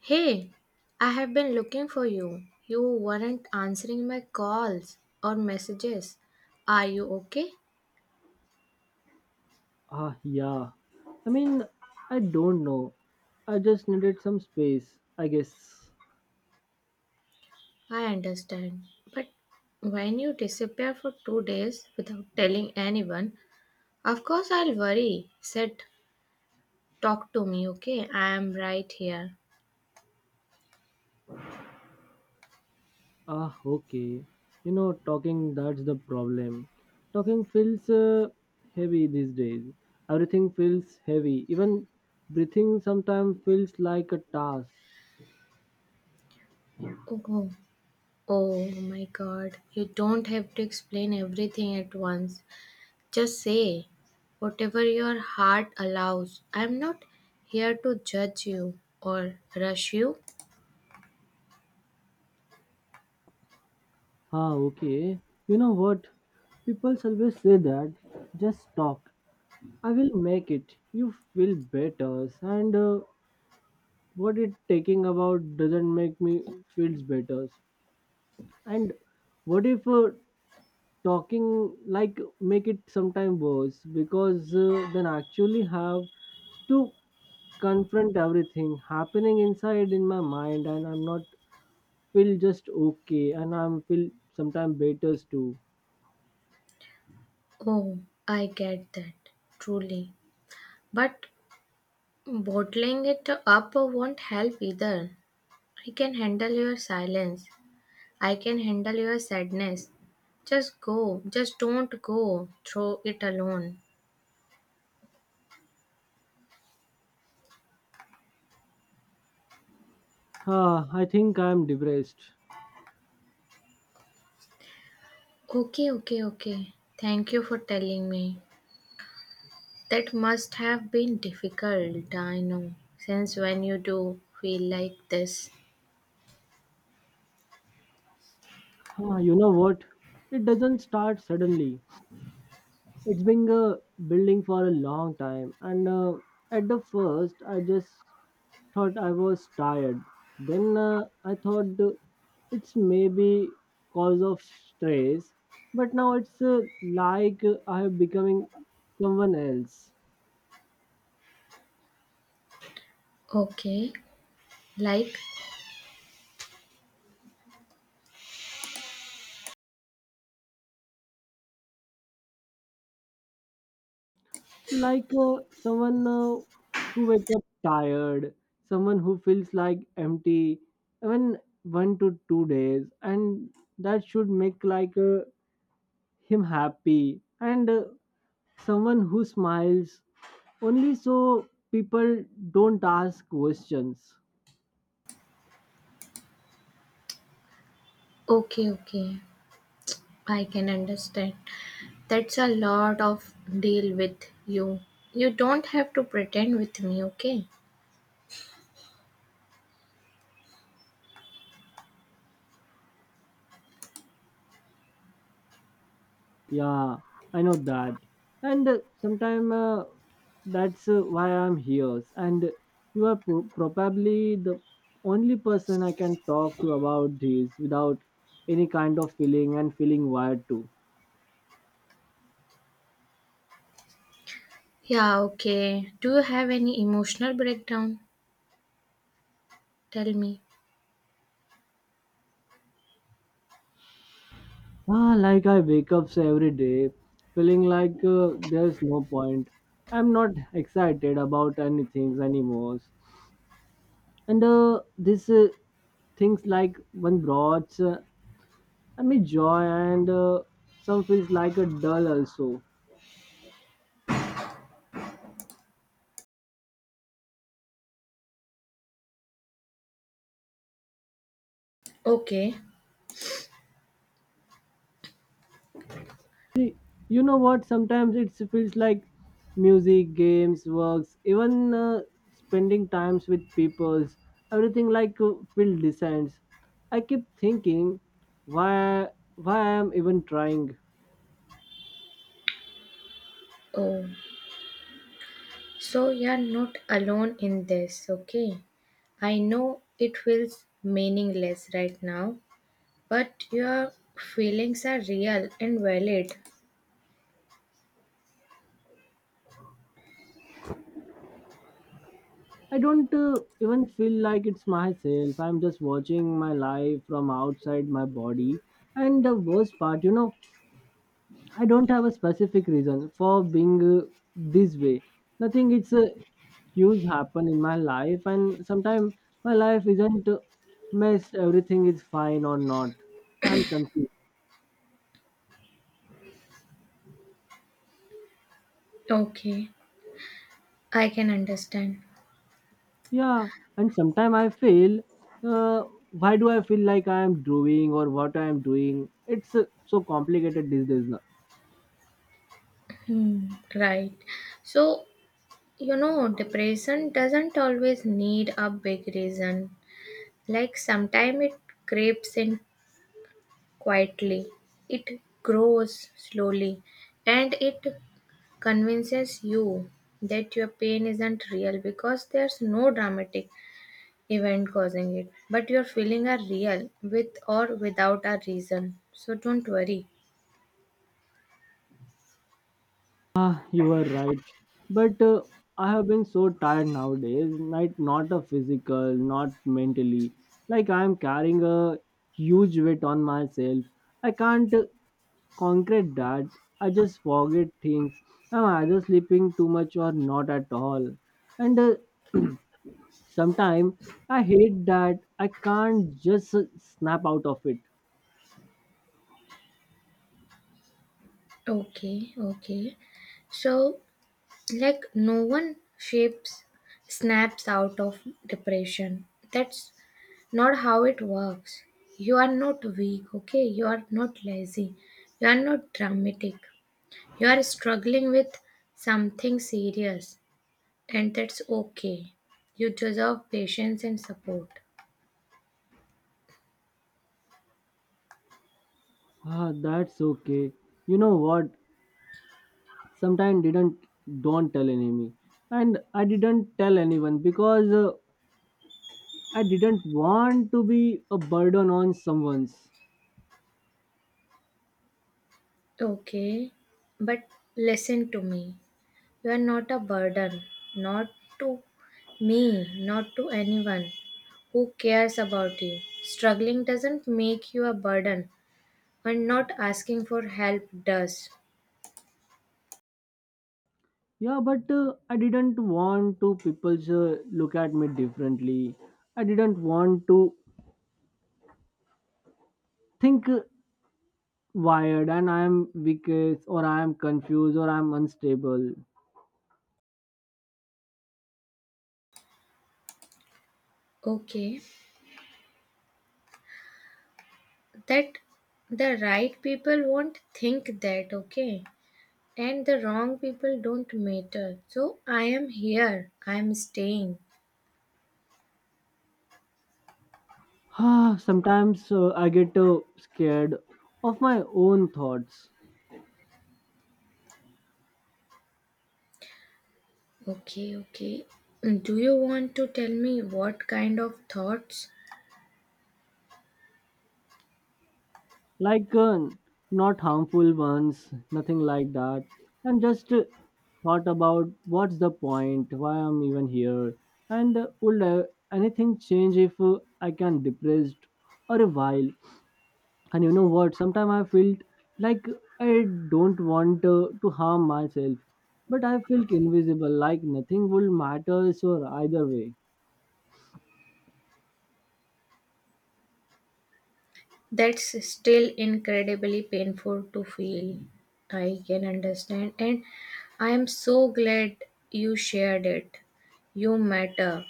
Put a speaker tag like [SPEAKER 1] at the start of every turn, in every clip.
[SPEAKER 1] Hey, I have been looking for you. You weren't answering my calls or messages. Are you okay?
[SPEAKER 2] Ah, yeah. I mean, I don't know. I just needed some space, I guess.
[SPEAKER 1] I understand. But when you disappear for 2 days without telling anyone, of course I'll worry. Said, talk to me, okay? I am right here.
[SPEAKER 2] Ah, okay. You know, talking, that's the problem. Talking feels heavy these days. Everything feels heavy. Even breathing sometimes feels like a task.
[SPEAKER 1] Oh, oh my god. You don't have to explain everything at once. Just say whatever your heart allows. I'm not here to judge you or rush you.
[SPEAKER 2] Ah, okay. You know what? People always say that. Just talk. I will make it. You feel better. And What it taking about doesn't make me feels better and what if talking like make it sometime worse because then I actually have to confront everything happening inside in my mind, and I'm not feel just okay, and I'm feel sometime better too.
[SPEAKER 1] Oh, I get that, truly. But bottling it up won't help either. I can handle your silence. I can handle your sadness. Just go. Just don't go. Throw it alone.
[SPEAKER 2] I think I'm depressed.
[SPEAKER 1] Okay. Thank you for telling me. That must have been difficult, I know, since when you do feel like this.
[SPEAKER 2] Ah, you know what, it doesn't start suddenly. It's been building for a long time, and at the first, I just thought I was tired. Then I thought it's maybe cause of stress, but now it's like I am becoming someone else,
[SPEAKER 1] Okay, like,
[SPEAKER 2] like someone who wakes up tired, someone who feels like empty, even 1 to 2 days, and that should make like a him happy, and someone who smiles only so people don't ask questions.
[SPEAKER 1] okay, I can understand. That's a lot of deal with you. You don't have to pretend with me, okay?
[SPEAKER 2] Yeah, I know that, and sometime that's why I'm here, and you are probably the only person I can talk to about this without any kind of feeling and feeling wired too.
[SPEAKER 1] Yeah, okay. Do you have any emotional breakdown? Tell me.
[SPEAKER 2] Ah, like I wake up every day feeling like there's no point. I'm not excited about anything anymore. And this things like one brought I mean joy, and some feels like a dull also.
[SPEAKER 1] Okay.
[SPEAKER 2] You know what, sometimes it feels like music, games, works, even spending times with peoples, everything like feel descends. I keep thinking, why why I'm even trying.
[SPEAKER 1] Oh, so you're not alone in this, okay? I know it feels meaningless right now, but your feelings are real and valid.
[SPEAKER 2] I don't even feel like it's myself. I'm just watching my life from outside my body, and the worst part, you know, I don't have a specific reason for being this way. Nothing it's a huge happen in my life, and sometimes my life isn't messed. Everything is fine or not. I'm confused.
[SPEAKER 1] Okay, I can understand.
[SPEAKER 2] Yeah, and sometimes I feel, uh, why do I feel like I am doing or what I am doing? It's so complicated these days. Now.
[SPEAKER 1] Hmm, right. So, you know, depression doesn't always need a big reason. Like sometimes it creeps in quietly, it grows slowly, and it convinces you that your pain isn't real because there's no dramatic event causing it. But your feelings are real, with or without a reason. So don't worry.
[SPEAKER 2] Ah, you are right. But I have been so tired nowadays, like not a physical, not mentally. Like I am carrying a huge weight on myself. I can't concrete that. I just forget things. I'm either sleeping too much or not at all. And sometimes I hate that I can't just snap out of it.
[SPEAKER 1] Okay, okay. So, like, no one shapes, snaps out of depression. That's not how it works. You are not weak, okay? You are not lazy. You are not dramatic. You are struggling with something serious, and that's okay. You deserve patience and support.
[SPEAKER 2] Ah, that's okay. You know what? Sometimes didn't don't tell enemy, and I didn't tell anyone because I didn't want to be a burden on someone's.
[SPEAKER 1] Okay, but listen to me. You are not a burden, not to me, not to anyone who cares about you. Struggling doesn't make you a burden, and not asking for help does.
[SPEAKER 2] Yeah, but I didn't want to people look at me differently. I didn't want to think wired, and I am weak or I am confused or I am unstable.
[SPEAKER 1] Okay, that the right people won't think that, okay? And the wrong people don't matter. So I am here, I am staying.
[SPEAKER 2] Sometimes I get scared of my own thoughts.
[SPEAKER 1] Okay, okay. Do you want to tell me what kind of thoughts?
[SPEAKER 2] Like not harmful ones, nothing like that, and just thought about what's the point, why I'm even here, and would anything change if I can depressed or a while. And you know what, sometimes I felt like I don't want to harm myself, but I feel invisible, like nothing will matter so either way.
[SPEAKER 1] That's still incredibly painful to feel. I can understand. And I am so glad you shared it. You matter.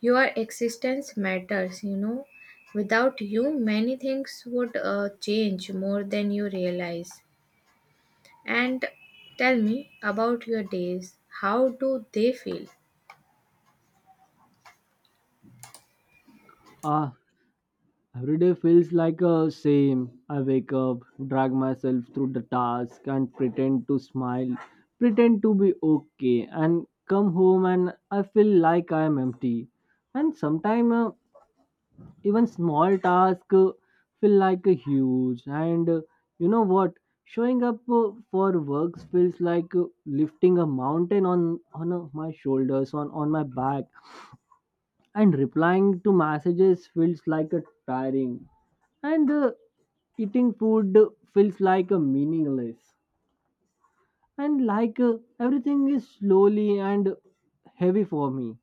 [SPEAKER 1] Your existence matters, you know. Without you, many things would change more than you realize. And tell me about your days. How do they feel?
[SPEAKER 2] ah Every day feels like a same. I wake up, drag myself through the task, and pretend to smile, pretend to be okay, and come home and I feel like I am empty. And sometimes even small tasks feel like a huge. And you know what? Showing up for works feels like lifting a mountain on my shoulders, on my back, and replying to messages feels like a tiring, and eating food feels like a meaningless, and like everything is slowly and heavy for me.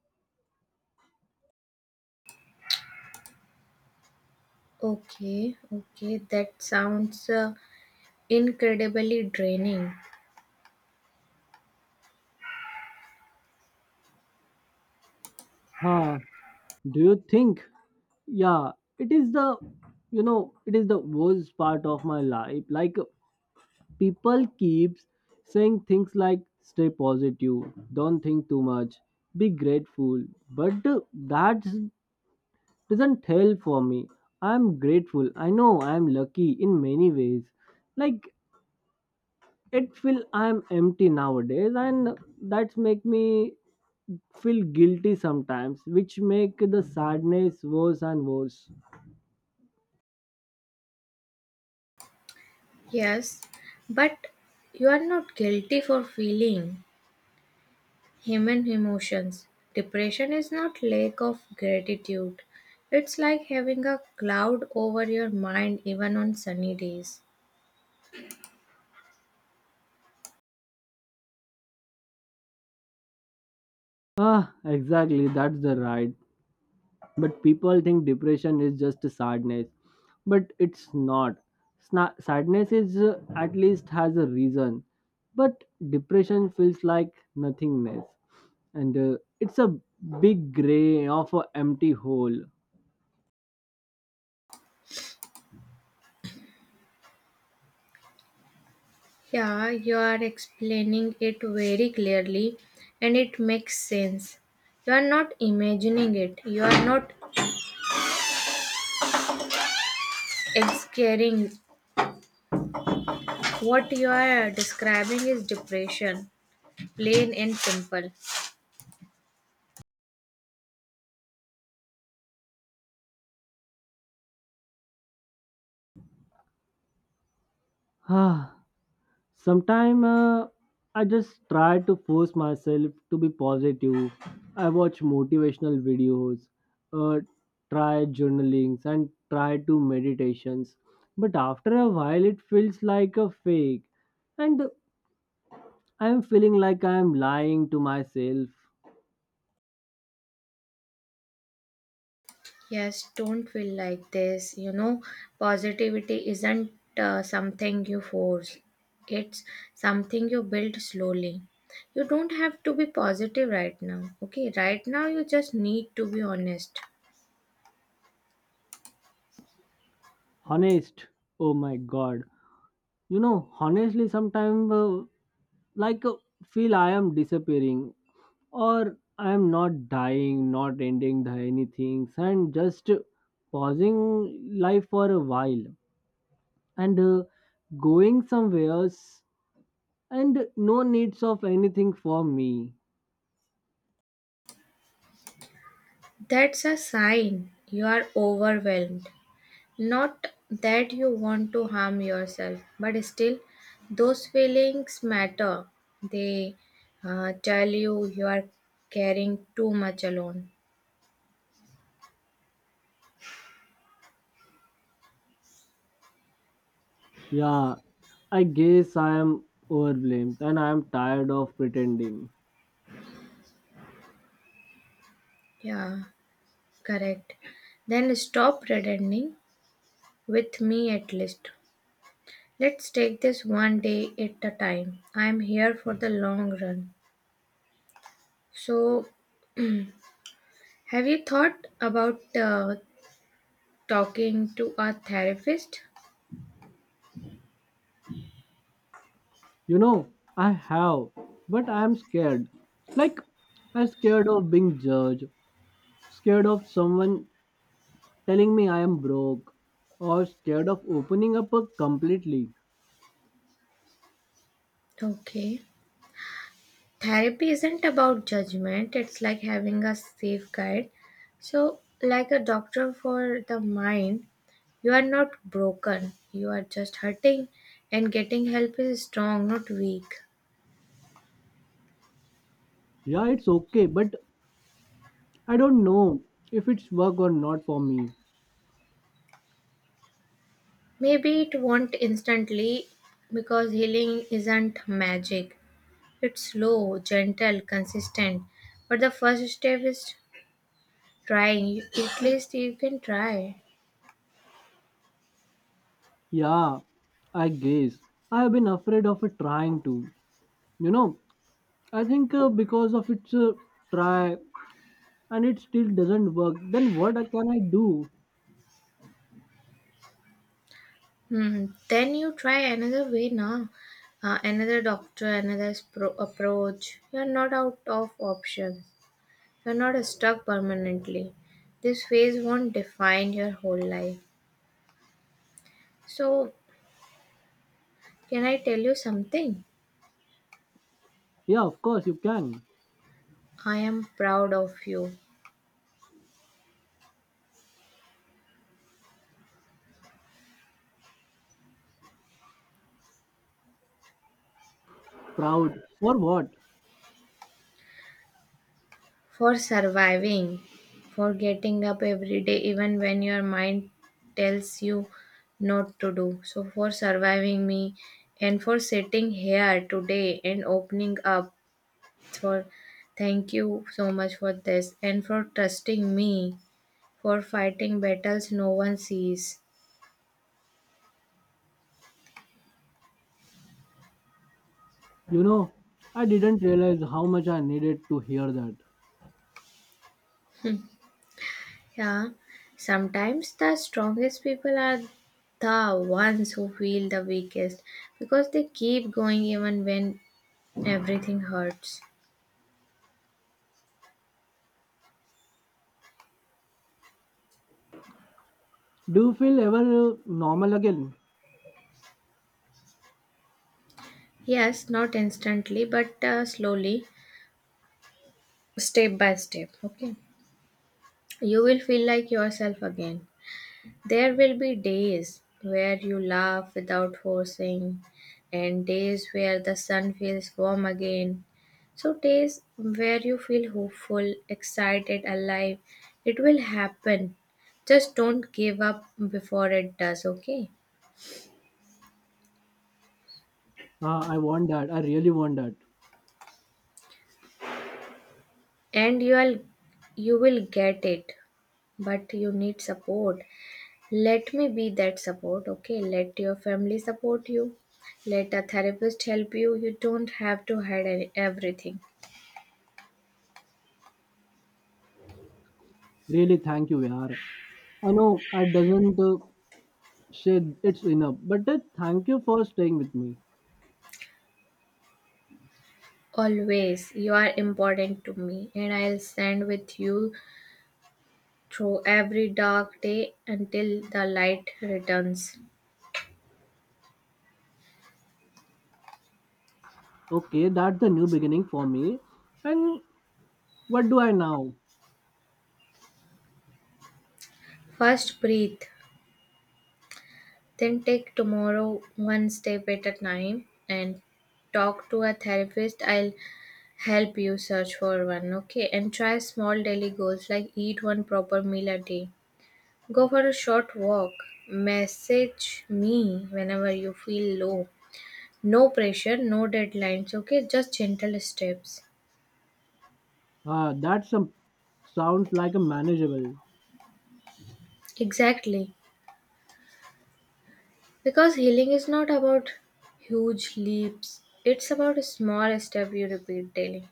[SPEAKER 1] Okay, okay, that sounds incredibly draining.
[SPEAKER 2] uh, do you think, yeah, it is the, you know, it is the worst part of my life. Like people keeps saying things like stay positive, don't think too much, be grateful, but that's doesn't help for me. I'm grateful. I know I'm lucky in many ways. Like it feel I'm empty nowadays, and that's make me feel guilty sometimes, which make the sadness worse and worse.
[SPEAKER 1] Yes, but you are not guilty for feeling human emotions. Depression is not lack of gratitude. It's like having a cloud over your mind even on sunny days.
[SPEAKER 2] Ah, exactly, that's the right. But people think depression is just sadness, but it's not. Sadness is at least has a reason, but depression feels like nothingness, and it's a big gray of an empty hole.
[SPEAKER 1] Yeah, you are explaining it very clearly and it makes sense. You are not imagining it. You are not exaggerating. What you are describing is depression, plain and simple.
[SPEAKER 2] Sometimes I just try to force myself to be positive. I watch motivational videos, uh, try journalings, and try to meditations. But after a while, it feels like a fake, and I am feeling like I am lying to myself.
[SPEAKER 1] Yes, don't feel like this. You know, positivity isn't something you force, it's something you build slowly. You don't have to be positive right now, okay? Right now, you just need to be honest.
[SPEAKER 2] Honest, oh my god! You know, honestly, sometimes like feel I am disappearing, or I'm not dying, not ending the anything, and just pausing life for a while, and going somewhere else, and no needs of anything for me.
[SPEAKER 1] That's a sign you are overwhelmed. Not that you want to harm yourself, but still, those feelings matter. They tell you you are caring too much alone.
[SPEAKER 2] Yeah, I guess I am overblamed, and I am tired of pretending.
[SPEAKER 1] Yeah. Correct. Then stop pretending with me at least. Let's take this one day at a time. I'm here for the long run. So, have you thought about talking to a therapist?
[SPEAKER 2] You know, I have, but I am scared. Like, I'm scared of being judged, scared of someone telling me I am broke, or scared of opening up a completely.
[SPEAKER 1] Okay. Therapy isn't about judgment, it's like having a safe guide. So, like a doctor for the mind, you are not broken, you are just hurting, and getting help is strong, not weak.
[SPEAKER 2] Yeah, it's okay, but I don't know if it's work or not for me.
[SPEAKER 1] Maybe it won't instantly because healing isn't magic. It's slow, gentle, consistent. But the first step is trying. At least you can try.
[SPEAKER 2] Yeah, I guess I have been afraid of it trying to. You know, I think because of its try and it still doesn't work, then can I do?
[SPEAKER 1] Hmm. Then you try another way now. Another doctor, another approach. You're not out of options. You're not stuck permanently. This phase won't define your whole life. So, can I tell you something?
[SPEAKER 2] Yeah, of course you can.
[SPEAKER 1] I am proud of you.
[SPEAKER 2] Proud for what?
[SPEAKER 1] For surviving, for getting up every day, even when your mind tells you not to do. So, for surviving me and for sitting here today and opening up. For thank you so much for this and for trusting me for fighting battles no one sees.
[SPEAKER 2] You know, I didn't realize how much I needed to hear that.
[SPEAKER 1] Yeah, sometimes the strongest people are the ones who feel the weakest because they keep going even when everything hurts.
[SPEAKER 2] Do you feel ever normal again?
[SPEAKER 1] Yes, not instantly, but slowly, step by step. Okay. You will feel like yourself again. There will be days where you laugh without forcing, and days where the sun feels warm again. So, days where you feel hopeful, excited, alive. It will happen. Just don't give up before it does, okay?
[SPEAKER 2] Ah, I want that. I really want that.
[SPEAKER 1] And you will get it, but you need support. Let me be that support, okay? Let your family support you. Let a therapist help you. You don't have to hide everything.
[SPEAKER 2] Really, thank you, Vihar. I know I doesn't say it's enough, but thank you for staying with me.
[SPEAKER 1] Always, you are important to me, and I'll stand with you through every dark day until the light returns.
[SPEAKER 2] Okay, that's the new beginning for me. And what do I now?
[SPEAKER 1] First, breathe, then take tomorrow one step at a time and talk to a therapist. I'll help you search for one, okay? And try small daily goals like eat one proper meal a day. Go for a short walk. Message me whenever you feel low. No pressure, no deadlines, okay? Just gentle steps.
[SPEAKER 2] Ah, that some sounds like a manageable.
[SPEAKER 1] Exactly. Because healing is not about huge leaps, it's about a small step you repeat daily.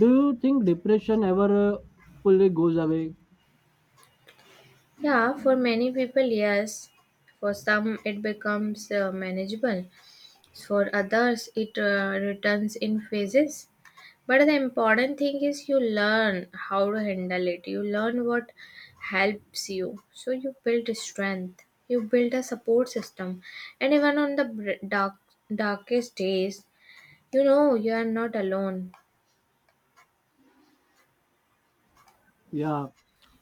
[SPEAKER 2] Do you think depression ever fully goes away?
[SPEAKER 1] Yeah, for many people, yes. For some, it becomes manageable. For others, it returns in phases. But the important thing is you learn how to handle it. You learn what helps you. So you build strength. You build a support system. And even on the dark, darkest days, you know you are not alone.
[SPEAKER 2] Yeah.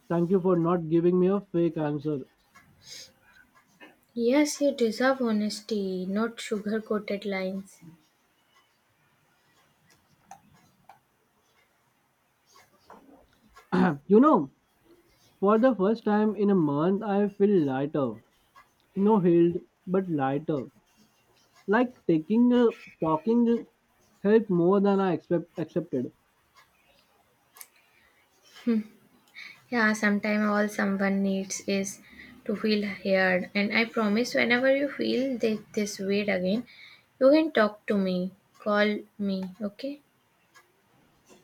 [SPEAKER 2] Thank you for not giving me a fake answer.
[SPEAKER 1] Yes, you deserve honesty, not sugar coated lines.
[SPEAKER 2] Yeah. You know, for the first time in a month, I feel lighter. No healed, but lighter, like taking a walking help more than I expect accepted.
[SPEAKER 1] Yeah, sometimes all someone needs is to feel heard. And I promise whenever you feel this weight again, you can talk to me, call me, okay?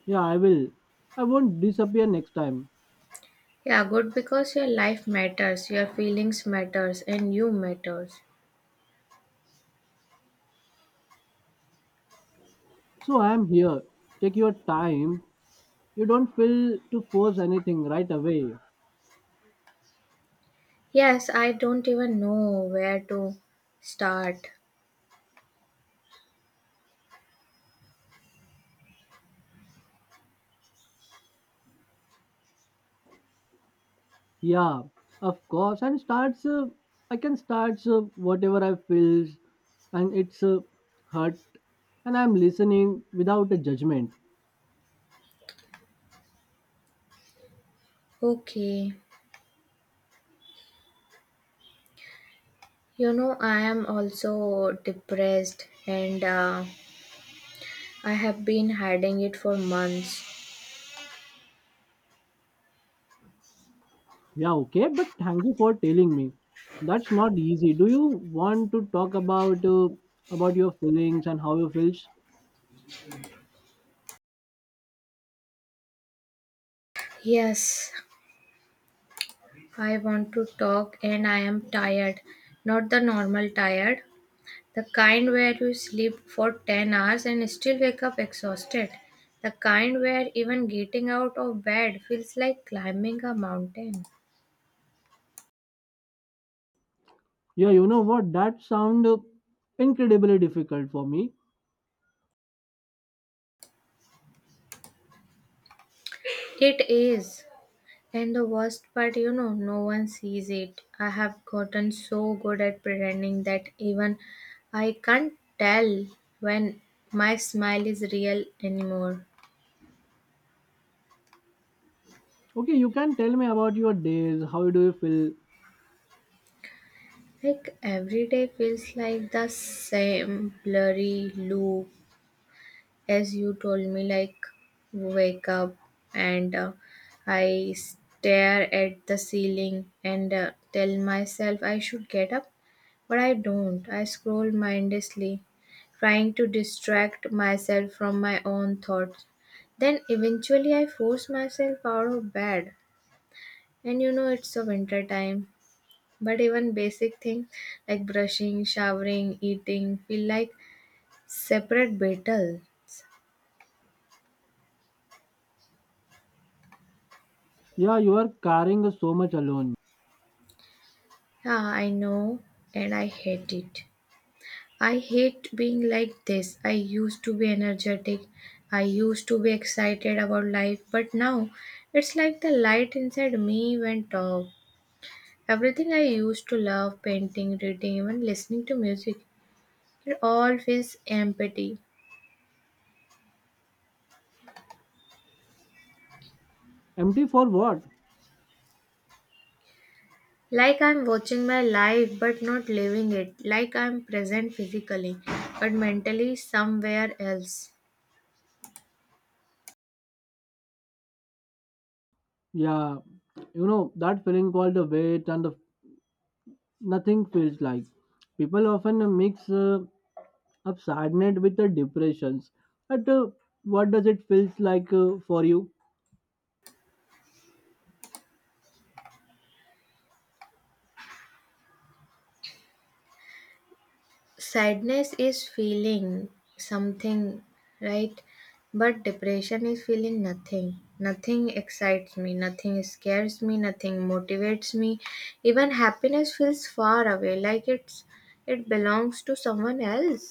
[SPEAKER 2] Yeah, I will. I won't disappear next time.
[SPEAKER 1] Yeah, good because your life matters, your feelings matters and you matters.
[SPEAKER 2] So I am here. Take your time. You don't feel to force anything right away.
[SPEAKER 1] Yes, I don't even know where to start.
[SPEAKER 2] Yeah, of course. And starts. I can start whatever I feels, and it's hurt, and I'm listening without a judgment.
[SPEAKER 1] Okay. You know, I am also depressed and I have been hiding it for months.
[SPEAKER 2] Yeah, okay, but thank you for telling me. That's not easy. Do you want to talk about your feelings and how you feel?
[SPEAKER 1] Yes, I want to talk and I am tired. Not the normal tired, the kind where you sleep for 10 hours and still wake up exhausted. The kind where even getting out of bed feels like climbing a mountain.
[SPEAKER 2] Yeah, you know what? That sound incredibly difficult for me.
[SPEAKER 1] It is. And the worst part, you know, no one sees it. I have gotten so good at pretending that even I can't tell when my smile is real anymore.
[SPEAKER 2] Okay, you can tell me about your days. How do you feel?
[SPEAKER 1] Like every day feels like the same blurry loop as you told me. Like wake up and I stare at the ceiling and tell myself I should get up, but I don't. I scroll mindlessly, trying to distract myself from my own thoughts. Then eventually I force myself out of bed, and you know it's the winter time, but even basic things like brushing, showering, eating feel like separate battles.
[SPEAKER 2] Yeah, you are carrying so much alone.
[SPEAKER 1] Yeah, I know, and I hate it. I hate being like this. I used to be energetic. I used to be excited about life, but now it's like the light inside me went off. Everything I used to love, painting, reading, even listening to music, it all feels empty.
[SPEAKER 2] Empty for what?
[SPEAKER 1] Like I'm watching my life but not living it. Like I'm present physically, but mentally somewhere else.
[SPEAKER 2] Yeah, you know that feeling called the weight and the nothing feels like. People often mix. Of sadness with the depressions. But what does it feels like for you?
[SPEAKER 1] Sadness is feeling something, right, but depression is feeling nothing. Nothing excites me, nothing scares me, nothing motivates me. Even happiness feels far away, like it's it belongs to someone else.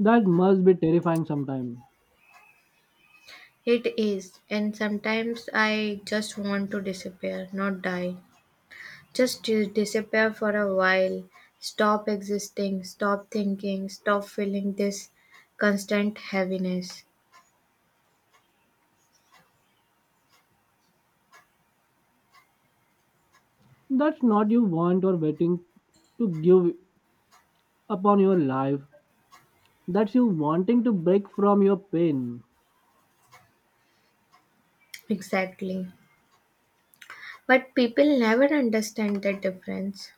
[SPEAKER 2] That must be terrifying sometime.
[SPEAKER 1] It is, and sometimes I just want to disappear, not die, just to disappear for a while. Stop existing, stop thinking, stop feeling this constant heaviness.
[SPEAKER 2] That's not you want or waiting to give upon your life. That's you wanting to break from your pain.
[SPEAKER 1] Exactly. But people never understand the difference.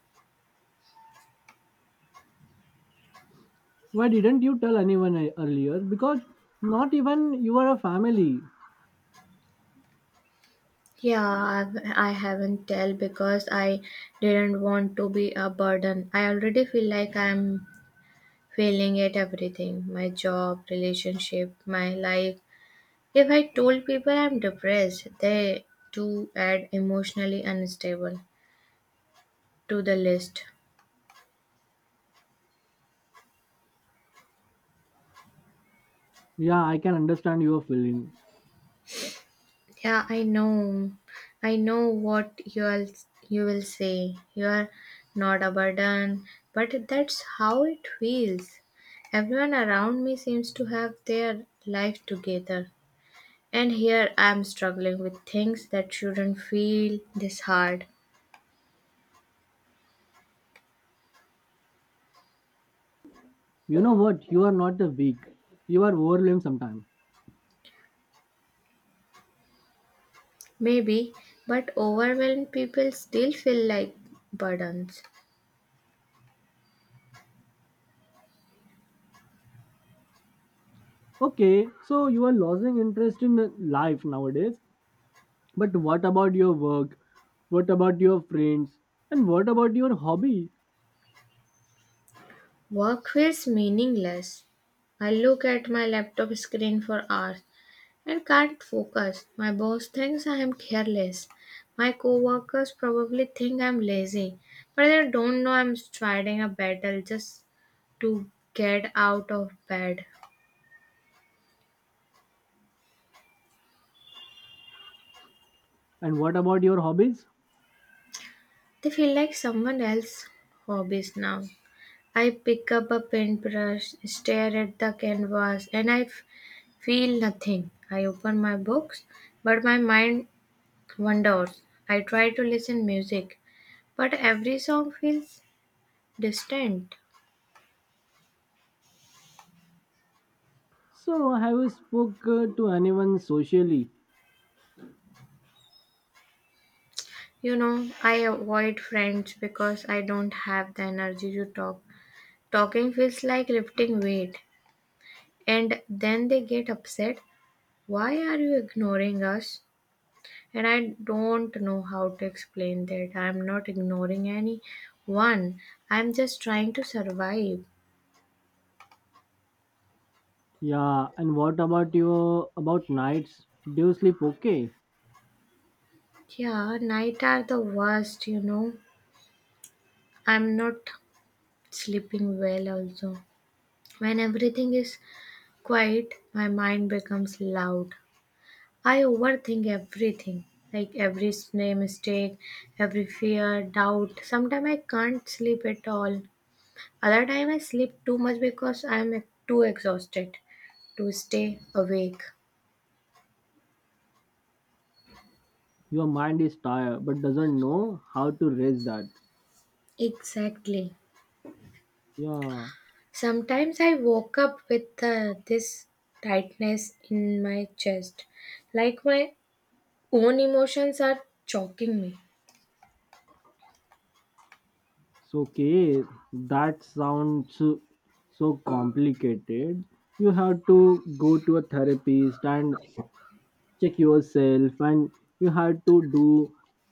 [SPEAKER 2] Why didn't you tell anyone earlier? Because not even you are a family.
[SPEAKER 1] Yeah, I haven't tell because I didn't want to be a burden. I already feel like I'm failing at everything, my job, relationship, my life. If I told people I'm depressed, they too add emotionally unstable to the list.
[SPEAKER 2] Yeah, I can understand your feeling.
[SPEAKER 1] Yeah, I know. I know what you will say. You are not a burden, but that's how it feels. Everyone around me seems to have their life together, and here I am struggling with things that shouldn't feel this hard.
[SPEAKER 2] You know what? You are not a weak. You are overwhelmed sometimes.
[SPEAKER 1] Maybe, but overwhelmed people still feel like burdens.
[SPEAKER 2] Okay, so you are losing interest in life nowadays. But what about your work? What about your friends? And what about your hobby?
[SPEAKER 1] Work feels meaningless. I look at my laptop screen for hours and can't focus. My boss thinks I am careless. My coworkers probably think I'm lazy, but they don't know I'm fighting a battle just to get out of bed.
[SPEAKER 2] And what about your hobbies?
[SPEAKER 1] They feel like someone else's hobbies now. I pick up a paintbrush, stare at the canvas, and feel nothing. I open my books, but my mind wanders. I try to listen music, but every song feels distant.
[SPEAKER 2] So have you spoke to anyone socially?
[SPEAKER 1] You know, I avoid friends because I don't have the energy to talk. Talking feels like lifting weight, and then they get upset. Why are you ignoring us? And I don't know how to explain that. I'm not ignoring anyone, I'm just trying to survive.
[SPEAKER 2] Yeah, and what about your about nights? Do you sleep okay?
[SPEAKER 1] Yeah, night are the worst, you know. I'm not sleeping well also. When everything is quiet, my mind becomes loud. I overthink everything, like every mistake, every fear, doubt. Sometimes I can't sleep at all. Other time I sleep too much because I'm too exhausted to stay awake.
[SPEAKER 2] Your mind is tired but doesn't know how to rest that.
[SPEAKER 1] Exactly.
[SPEAKER 2] Yeah,
[SPEAKER 1] Sometimes I woke up with this tightness in my chest, like my own emotions are choking me.
[SPEAKER 2] so okay, that sounds so complicated. You have to go to a therapist and check yourself, and you had to do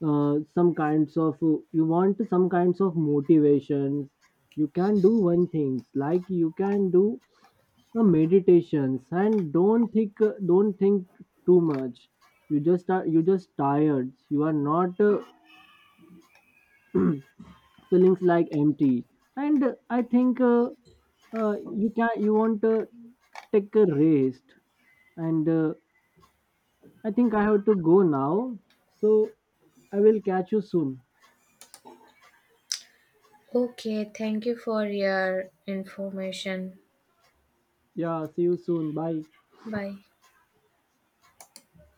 [SPEAKER 2] some kinds of, you want some kinds of motivations. You can do one things like you can do a meditations, and don't think too much. You just are, you just tired, you are not feelings like empty, and I think uh, you can, you want to take a rest, and I think I have to go now. So I will catch you soon.
[SPEAKER 1] Okay, thank you for your information.
[SPEAKER 2] Yeah, see you soon. Bye.
[SPEAKER 1] Bye.